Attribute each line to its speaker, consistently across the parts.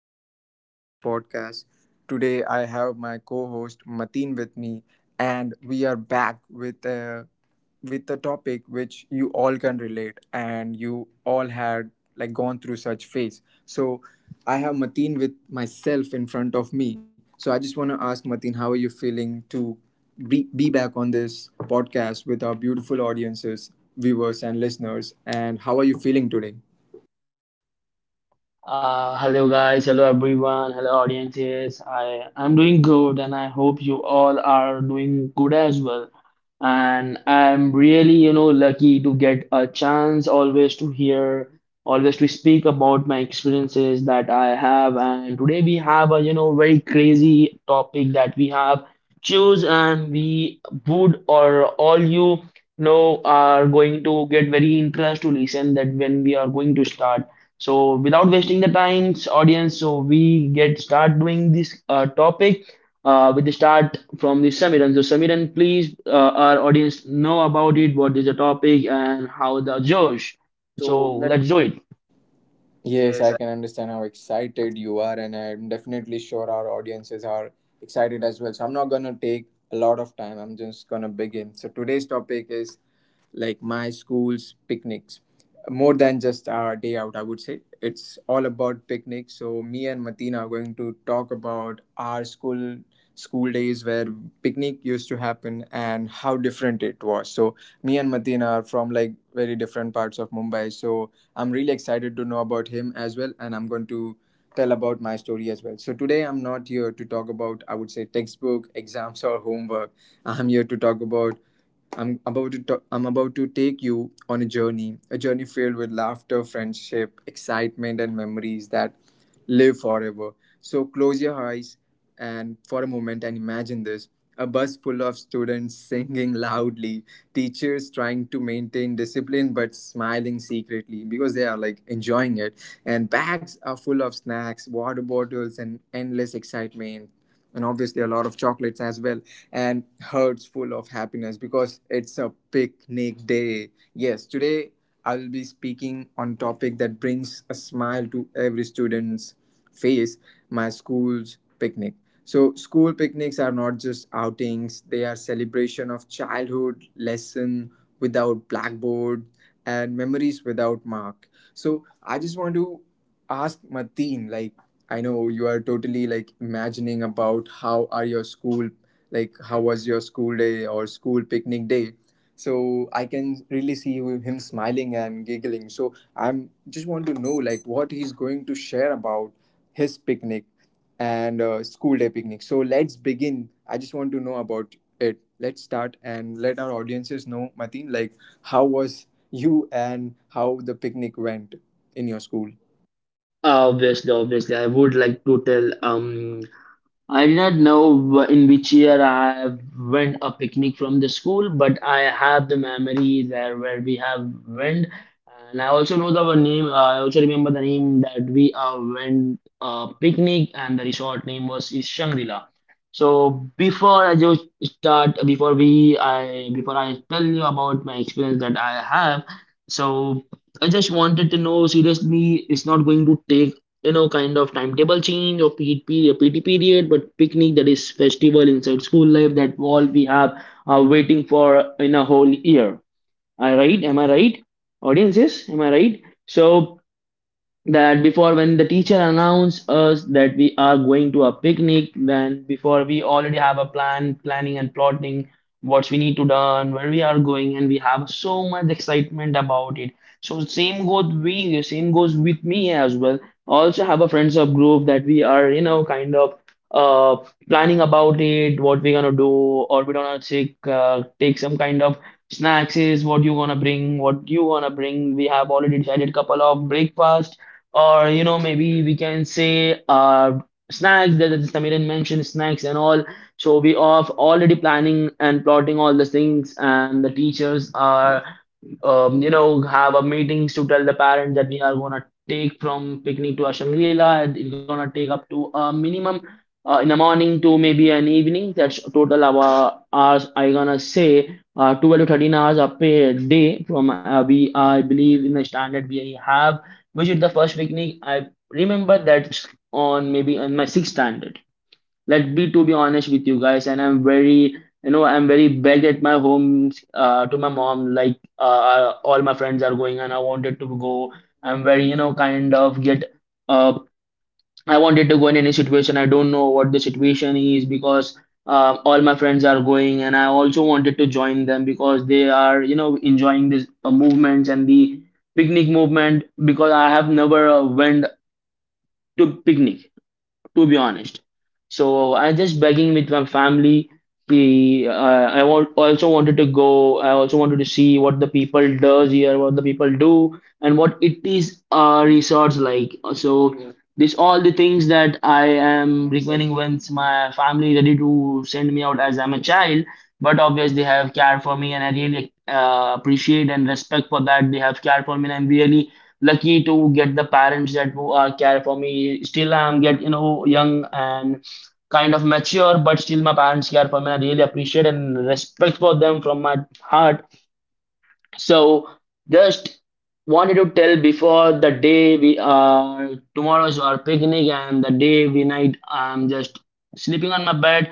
Speaker 1: Samiran and Mateen's podcast. Today, I have my co-host Mateen with me, and we are back with a topic which you all can relate, and you all had like gone through such phase. So, I have Mateen with myself in front of me. So, I just want to ask Mateen, how are you feeling to be back on this podcast with our beautiful audiences, viewers, and listeners? And how are you feeling today?
Speaker 2: Hello guys, hello everyone, hello audiences. I'm doing good, and I hope you all are doing good as well. And I'm really, you know, lucky to get a chance always to hear, always to speak about my experiences that I have. And today we have a, you know, very crazy topic that we have choose, and we would or all you know are going to get very interest to listen that when we are going to start. So without wasting the time's audience, so we get start doing this topic with the start from the Samiran. So Samiran, please our audience know about it. What is the topic and how the Josh? So let's do it.
Speaker 1: Yes, I can understand how excited you are, and I'm definitely sure our audiences are excited as well. So, I'm not gonna take a lot of time, I'm just gonna begin. So, today's topic is like my school's picnics, more than just our day out. I would say it's all about picnics. So me and Matina are going to talk about our school days where picnic used to happen and how different it was. So me and Matina are from like very different parts of Mumbai, so I'm really excited to know about him as well, and I'm going to tell about my story as well. So today I'm not here to talk about, I would say, textbook exams or homework. I'm here to talk about I'm about to take you on a journey filled with laughter, friendship, excitement, and memories that live forever. So close your eyes and for a moment and imagine this. A bus full of students singing loudly, teachers trying to maintain discipline but smiling secretly because they are like enjoying it, and bags are full of snacks, water bottles, and endless excitement, and obviously a lot of chocolates as well, and hearts full of happiness because it's a picnic day. Yes, today I'll be speaking on topic that brings a smile to every students face: my school's picnic. So school picnics are not just outings, they are celebration of childhood, lesson without blackboard and memories without mark. So I just want to ask Martin like, I know you are totally like imagining about how are your school, like how was your school day or school picnic day. So I can really see him smiling and giggling, so I'm just want to know like what he's going to share about his picnic and school day picnic. So let's begin. I just want to know about it. Let's start and let our audiences know, Mateen, like how was you and how the picnic went in your school.
Speaker 2: Obviously, I would like to tell I do not know in which year I went a picnic from the school, but I have the memory there where we have went, and I also know the name. I also remember the name that we went picnic, and the resort name was is Shangri-La. So before I just start, before I tell you about my experience that I have, so I just wanted to know seriously, it's not going to take you know kind of timetable change or PT period, but picnic that is festival inside school life that all we have are waiting for in a whole year. I right? Am I right? Audiences, am I right? So that before when the teacher announce us that we are going to a picnic then before we already have a plan planning and plotting what we need to done where we are going and we have so much excitement about it, so same goes with me as well, also have a friends up group that we are you know kind of uh planning about it, what we're gonna do or we don't to take take some kind of snacks, is what you gonna bring, what you wanna bring. We have already decided couple of breakfast or you know maybe we can say snacks, that Samiran mentioned snacks and all. So we are already planning and plotting all the things and the teachers are you know, have a meetings to tell the parents that we are gonna take from picnic to a Shangri-La, and it's gonna take up to a minimum in the morning to maybe an evening. That's total our hours. I gonna say 12 to 13 hours a per day from we I believe in the standard we have. Which is the first picnic I remember, that's on maybe on my sixth standard. Let me to be honest with you guys, and I'm very back at my home to my mom, like all my friends are going and I wanted to go. I'm very you know kind of get uh, I wanted to go in any situation, I don't know what the situation is, because all my friends are going and I also wanted to join them because they are you know enjoying this movements and the picnic movement, because I have never went to picnic, to be honest. So I just begging with my family. The I want, also wanted to go. I also wanted to see what the people does here, what the people do, and what it is resorts like. So this all the things that I am requiring, once my family ready to send me out as I'm a child. But obviously they have cared for me, and I really appreciate and respect for that. They have cared for me, and I'm really lucky to get the parents that who are care for me. Still, I'm get you know young and kind of mature, but still my parents care for me. I really appreciate and respect for them from my heart. So just wanted to tell before the day we are tomorrow's our picnic, and the day we night I'm just sleeping on my bed.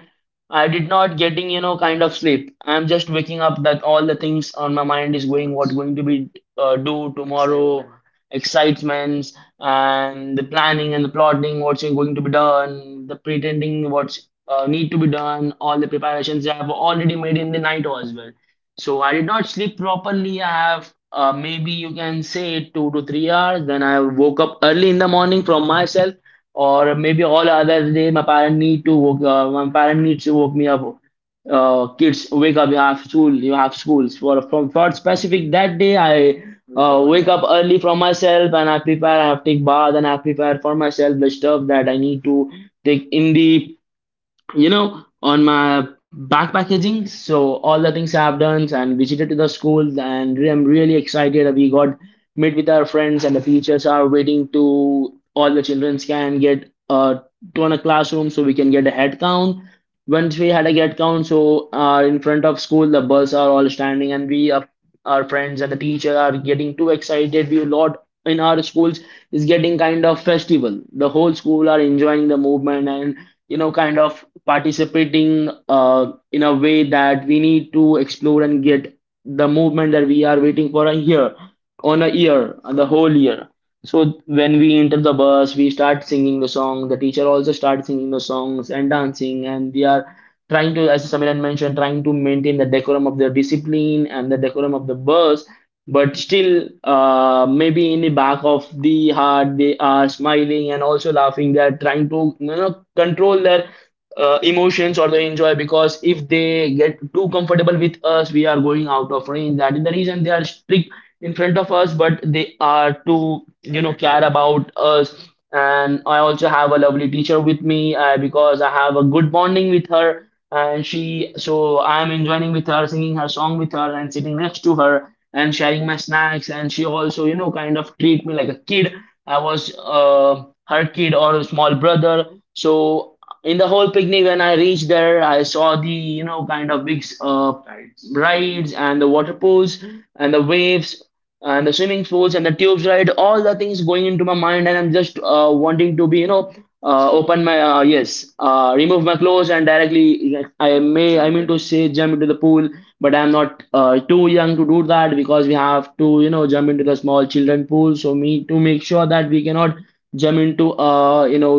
Speaker 2: I did not getting you know kind of sleep. I'm just waking up that all the things on my mind is going, what going to be do tomorrow, excitements and the planning and the plotting what's going to be done, the pretending what's need to be done, all the preparations I have already made in the night as well. So I did not sleep properly. I have maybe you can say 2 to 3 hours. Then I woke up early in the morning from myself, or maybe all other day my parent need to woke. My parent needs to woke me up. Kids, wake up! You have school. You have schools. For from for specific that day, I wake up early from myself and I prepare. I have take bath and I prepare for myself the stuff that I need to take in the you know, on my backpackaging. So all the things I have done and visited to the schools, and I'm really excited that we got meet with our friends, and the teachers are waiting to all the children can get to a classroom so we can get a head count. Once we had a head count, so in front of school the buses are all standing and we are our friends and the teacher are getting too excited. We a lot in our schools is getting kind of festival. The whole school are enjoying the movement and you know kind of participating in a way that we need to explore and get the movement that we are waiting for a year, the whole year. So when we enter the bus we start singing the song, the teacher also starts singing the songs and dancing, and they are trying to, as Samiran mentioned, trying to maintain the decorum of the discipline and the decorum of the bus, but still, maybe in the back of the heart, they are smiling and also laughing. They are trying to, you know, control their emotions or the enjoy, because if they get too comfortable with us, we are going out of range. That is the reason they are strict in front of us, but they are too, you know, care about us. And I also have a lovely teacher with me because I have a good bonding with her. And she, so I am enjoying with her, singing her song with her, and sitting next to her and sharing my snacks, and she also you know kind of treat me like a kid. I was her kid or a small brother. So in the whole picnic when I reached there, I saw the you know kind of big rides and the water pools and the waves and the swimming pools and the tubes ride, all the things going into my mind, and I'm just wanting to be you know open my yes remove my clothes and directly like, I may I mean to say jump into the pool. But I'm not too young to do that, because we have to you know jump into the small children pool, so me to make sure that we cannot jump into you know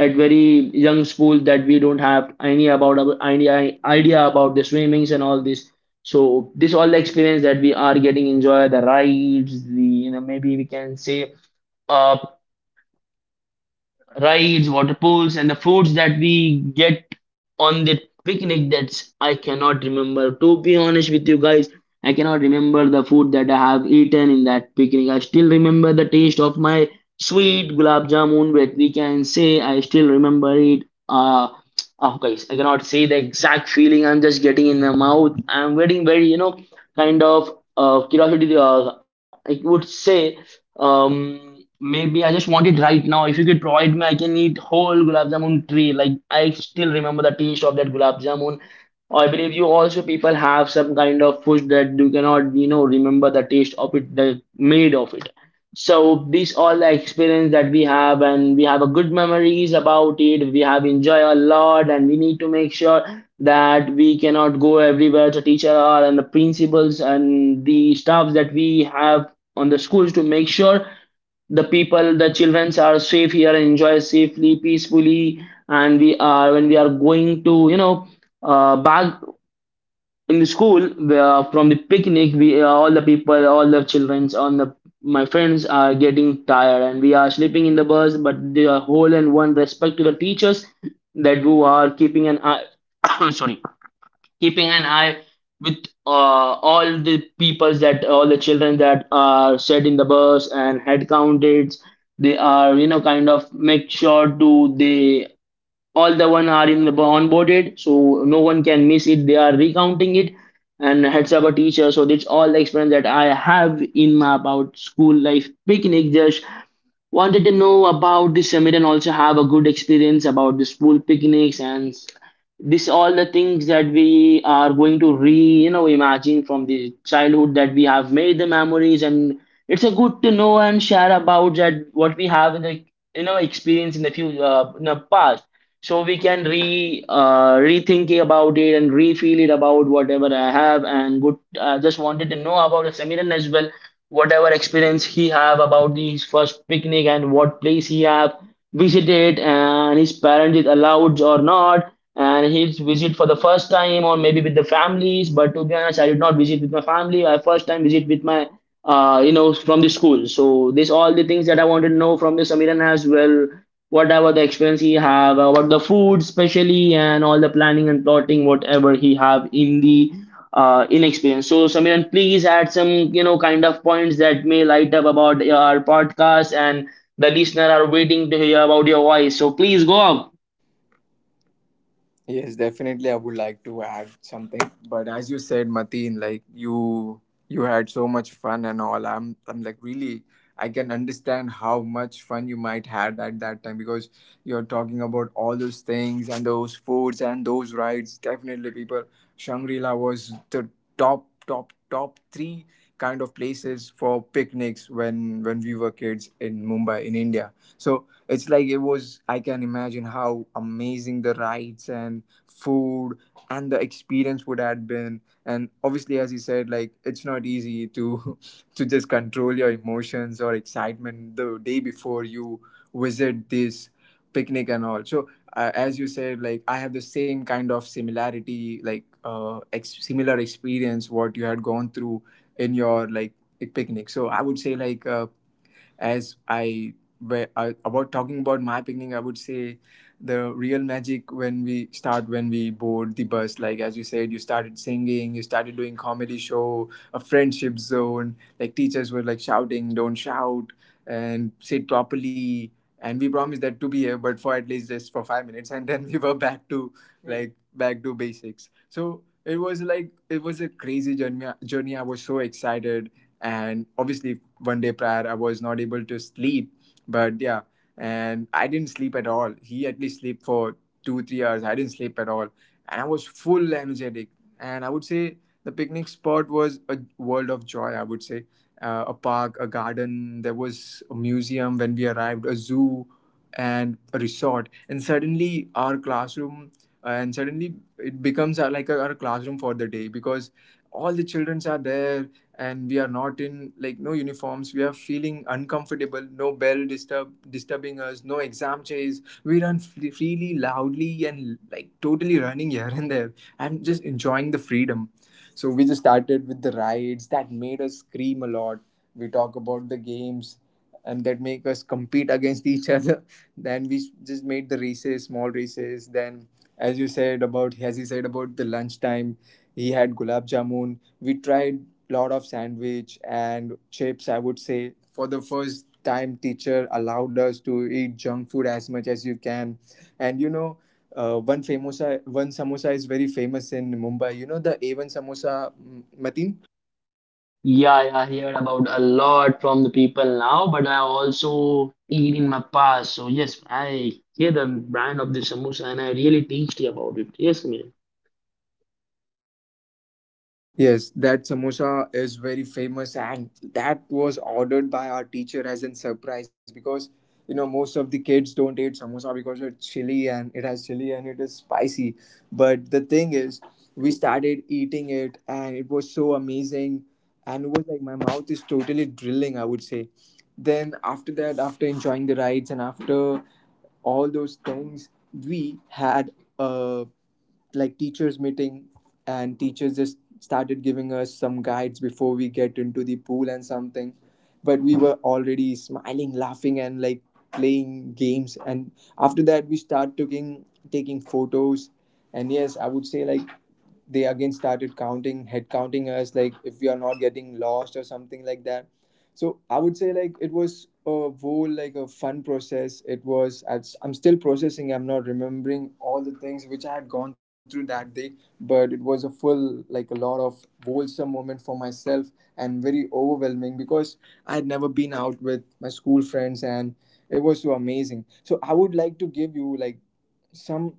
Speaker 2: at very young school that we don't have any about idea about the swimmings and all this. So this all the experience that we are getting, enjoy the rides, the you know maybe we can say uh rides, water pools, and the foods that we get on the picnic. That's I cannot remember. To be honest with you guys, I cannot remember the food that I have eaten in that picnic. I still remember the taste of my sweet gulab jamun, but we can say I still remember it. Oh guys, I cannot say the exact feeling. I'm just getting in my mouth. I'm getting very, you know, kind of curiosity. I would say maybe I just want it right now. If you could provide me, I can eat whole gulab jamun tray. Like I still remember the taste of that gulab jamun. I believe you also people have some kind of food that you cannot, you know, remember the taste of it, the made of it. So these all the experience that we have, and we have a good memories about it. We have enjoy a lot, and we need to make sure that we cannot go everywhere. The teacher are and the principals and the staffs that we have on the schools to make sure the people, the children are safe here and enjoy safely, peacefully. And we are When we are going to, back in the school, from the picnic, we all the children, on the my friends are getting tired, and we are sleeping in the bus. But the whole and one respect to the teachers that who are keeping an eye, sorry, keeping an eye with all the peoples, that all the children that are set in the bus and head counted, they are, kind of make sure to they all the one are in the onboarded, so no one can miss it, they are recounting it and heads up a teacher. So that's all the experience that I have in my about school life picnic. Just wanted to know about this summit, and also have a good experience about the school picnics, and this all the things that we are going to re imagine from the childhood that we have made the memories. And it's a good to know and share about that what we have in the experience in the future, in the past. So we can re rethink about it and refeel it about whatever I have, and good, I just wanted to know about the Samiran as well, whatever experience he have about his first picnic, and what place he have visited, and his parents is allowed or not, and he's visit for the first time or maybe with the families. But to be honest, I did not visit with my family. I first time visit with my from the school. So this all the things that I wanted to know from the Samiran as well, whatever the experience he have about the food especially, and all the planning and plotting whatever he have in the inexperience. So Samiran, please add some kind of points that may light up about our podcast, and the listener are waiting to hear about your voice, so please go up.
Speaker 1: Yes, definitely I would like to add something. But as you said, Mateen, like you had so much fun and all. I'm like really, I can understand how much fun you might had at that time because you're talking about all those things and those foods and those rides. Definitely people, Shangri-La was the top three kind of places for picnics when we were kids in Mumbai in India. So it's like, it was, I can imagine how amazing the rides and food and the experience would have been. And obviously, as you said, like it's not easy to to just control your emotions or excitement the day before you visit this picnic and all. So as you said, like I have the same kind of similarity, like similar experience what you had gone through in your like picnic. So I would say like, as I about talking about my picnic, I would say the real magic when we start, when we board the bus. Like as you said, you started singing, you started doing comedy show, a friendship zone. Like teachers were like shouting, "Don't shout," and sit properly. And we promised that to be here, but for at least just for 5 minutes, and then we were back to back to basics. So it was like, it was a crazy journey. I was so excited, and obviously one day prior I was not able to sleep. But yeah, and I didn't sleep at all. He at least slept for 2 3 hours, I didn't sleep at all, and I was full energetic. And I would say the picnic spot was a world of joy, I would say, a park, a garden, there was a museum when we arrived, a zoo, and a resort. And suddenly our classroom, and suddenly it becomes like our classroom for the day because all the childrens are there, and we are not in like no uniforms, we are feeling uncomfortable, no bell disturbing us, no exam chase. We run freely, loudly, and like totally running here and there and just enjoying the freedom. So we just started with the rides that made us scream a lot. We talk about the games and that make us compete against each other. Then just made the races, small races. Then as you said about as he said about the lunchtime, he had gulab jamun. We tried lot of sandwich and chips. I would say for the first time teacher allowed us to eat junk food as much as you can. And you know, one samosa is very famous in Mumbai. You know the A1 samosa, Mateen?
Speaker 2: Yeah, yeah, I heard about a lot from the people now, but I also eat in my past. So yes, I hear the brand of the samosa and I really tasty about it. Yes, Amir.
Speaker 1: Yes, that samosa is very famous, and that was ordered by our teacher as a surprise because, you know, most of the kids don't eat samosa because it's chili and it has chili and it is spicy. But the thing is, we started eating it, and it was so amazing, and it was like my mouth is totally drilling, I would say. Then after that, after enjoying the rides and after all those things, we had a like teachers meeting, and teachers just started giving us some guides before we get into the pool and something, but we were already smiling, laughing, and like playing games. And after that we start taking photos. And yes, I would say like they again started counting, head counting us, like if we are not getting lost or something like that. So I would say like it was a whole like a fun process. It was I'm still processing. I'm not remembering all the things which I had gone through that day, but it was a full like a lot of wholesome moment for myself, and very overwhelming because I had never been out with my school friends, and it was so amazing. So I would like to give you like some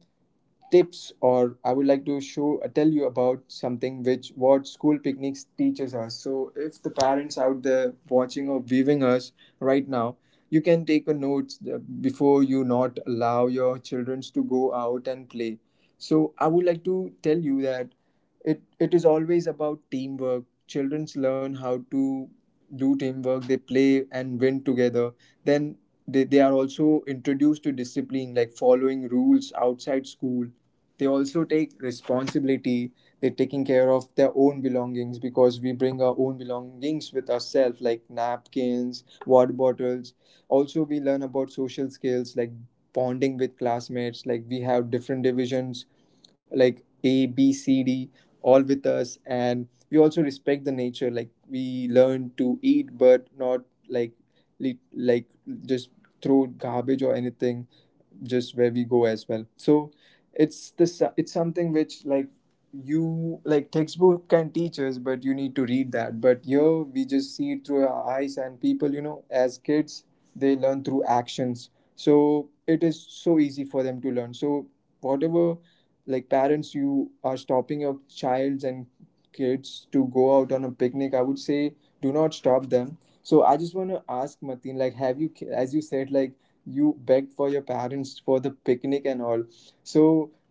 Speaker 1: tips, or I would like to show tell you about something which what school picnics teaches us. So if the parents out there watching or viewing us right now, you can take a note. Before you not allow your children to go out and play, so I would like to tell you that it is always about teamwork. Children learn how to do teamwork, they play and win together. Then they are also introduced to discipline, like following rules outside school. They also take responsibility, they're taking care of their own belongings because we bring our own belongings with ourselves, like napkins, water bottles. Also we learn about social skills, like bonding with classmates, like we have different divisions like A, B, C, D all with us. And we also respect the nature, like we learn to eat but not like lit- like just throw garbage or anything, just where we go as well. So it's this it's something which like, you, like textbook can teach us but you need to read that, but here we just see it through our eyes. And people, you know, as kids, they learn through actions, so it is so easy for them to learn. So whatever, like parents, you are stopping your childs and kids to go out on a picnic, I would say do not stop them. So I just want to ask Mateen like, have you, as you said, like you begged for your parents for the picnic and all, so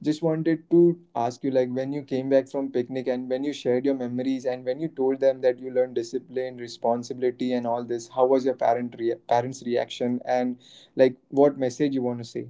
Speaker 1: just wanted to ask you like when you came back from picnic and when you shared your memories and when you told them that you learned discipline, responsibility and all this, how was your parents reaction? And like, what message you want to say?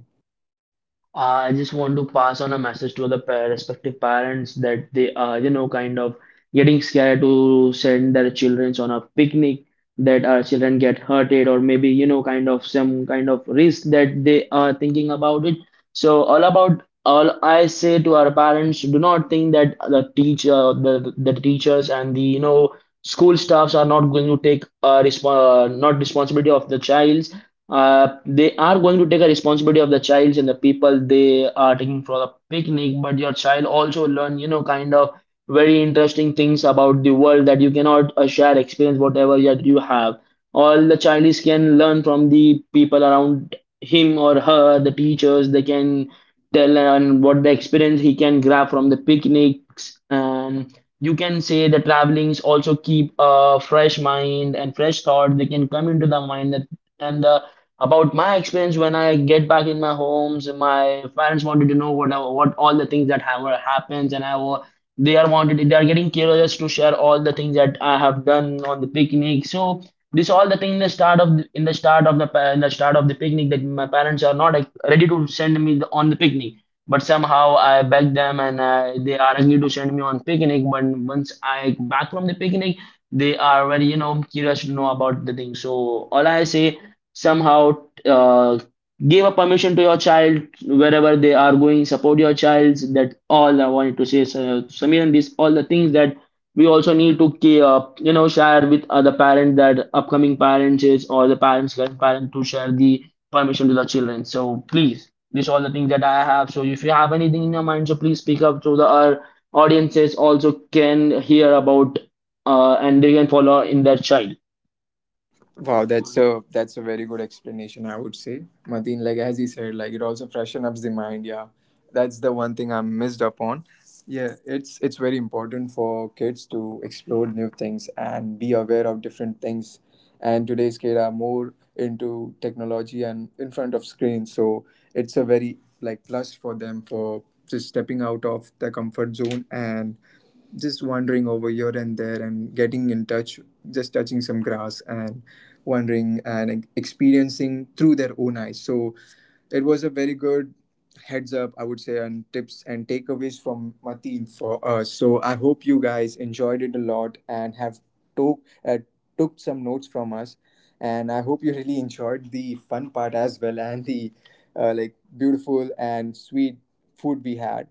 Speaker 2: I just want to pass on a message to the respective parents, that they are, kind of getting scared to send their children on a picnic, that our children get hurted, or maybe, kind of some kind of risk that they are thinking about it. So, all about all I say to our parents, do not think that the teacher, the teachers, and the, school staffs are not going to take not responsibility of the child. They are going to take a responsibility of the child and the people they are taking for the picnic, but your child also learn, kind of very interesting things about the world that you cannot share experience whatever yet you have. All the child is can learn from the people around him or her, the teachers they can tell, and what the experience he can grab from the picnics. And you can say the travelings also keep a fresh mind and fresh thought they can come into the mind, that and the, about my experience when I get back in my homes, my parents wanted to know what all the things that have happens. And they are wanted, they are getting curious to share all the things that I have done on the picnic. So this all the thing in the start of the picnic, that my parents are not like, ready to send me on the picnic. But somehow I begged them, and they are agreed to send me on picnic. But once I back from the picnic, they are very, curious to know about the thing. So all I say, somehow, uh, give a permission to your child wherever they are going, support your child. That all I wanted to say. So, Samir, and this all the things that we also need to share with other parents, that upcoming parents is, or the parents, current parent, to share the permission to the children. So please, these all the things that I have, so if you have anything in your mind, so please speak up, so the our audiences also can hear about, and they can follow in their child.
Speaker 1: Wow, that's a very good explanation, I would say. Martin, like as he said, like it also freshen up the mind. Yeah, that's the one thing I missed upon. Yeah, it's very important for kids to explore new things and be aware of different things. And today's kids are more into technology and in front of screens, so it's a very like plus for them for just stepping out of their comfort zone and just wandering over here and there and getting in touch, just touching some grass and wandering and experiencing through their own eyes. So it was a very good heads up, I would say, and tips and takeaways from Mateen for us. So I hope you guys enjoyed it a lot and have took uh, took some notes from us. And I hope you really enjoyed the fun part as well and the like beautiful and sweet food we had.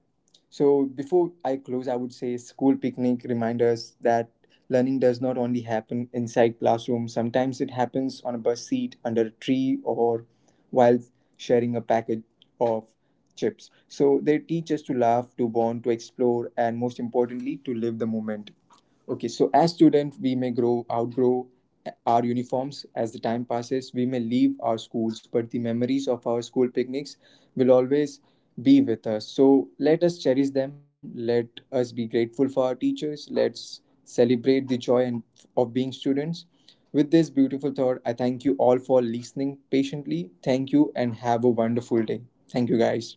Speaker 1: So before I close, I would say school picnic reminds us that learning does not only happen inside classroom. Sometimes it happens on a bus seat, under a tree, or while sharing a package of chips. So they teach us to laugh, to bond, to explore, and most importantly, to live the moment. Okay, so as students, we may grow, outgrow our uniforms as the time passes. We may leave our schools, but the memories of our school picnics will always be with us. So let us cherish them. Let us be grateful for our teachers. Let's celebrate the joy and of being students. With this beautiful thought, I thank you all for listening patiently. Thank you and have a wonderful day. Thank you, guys.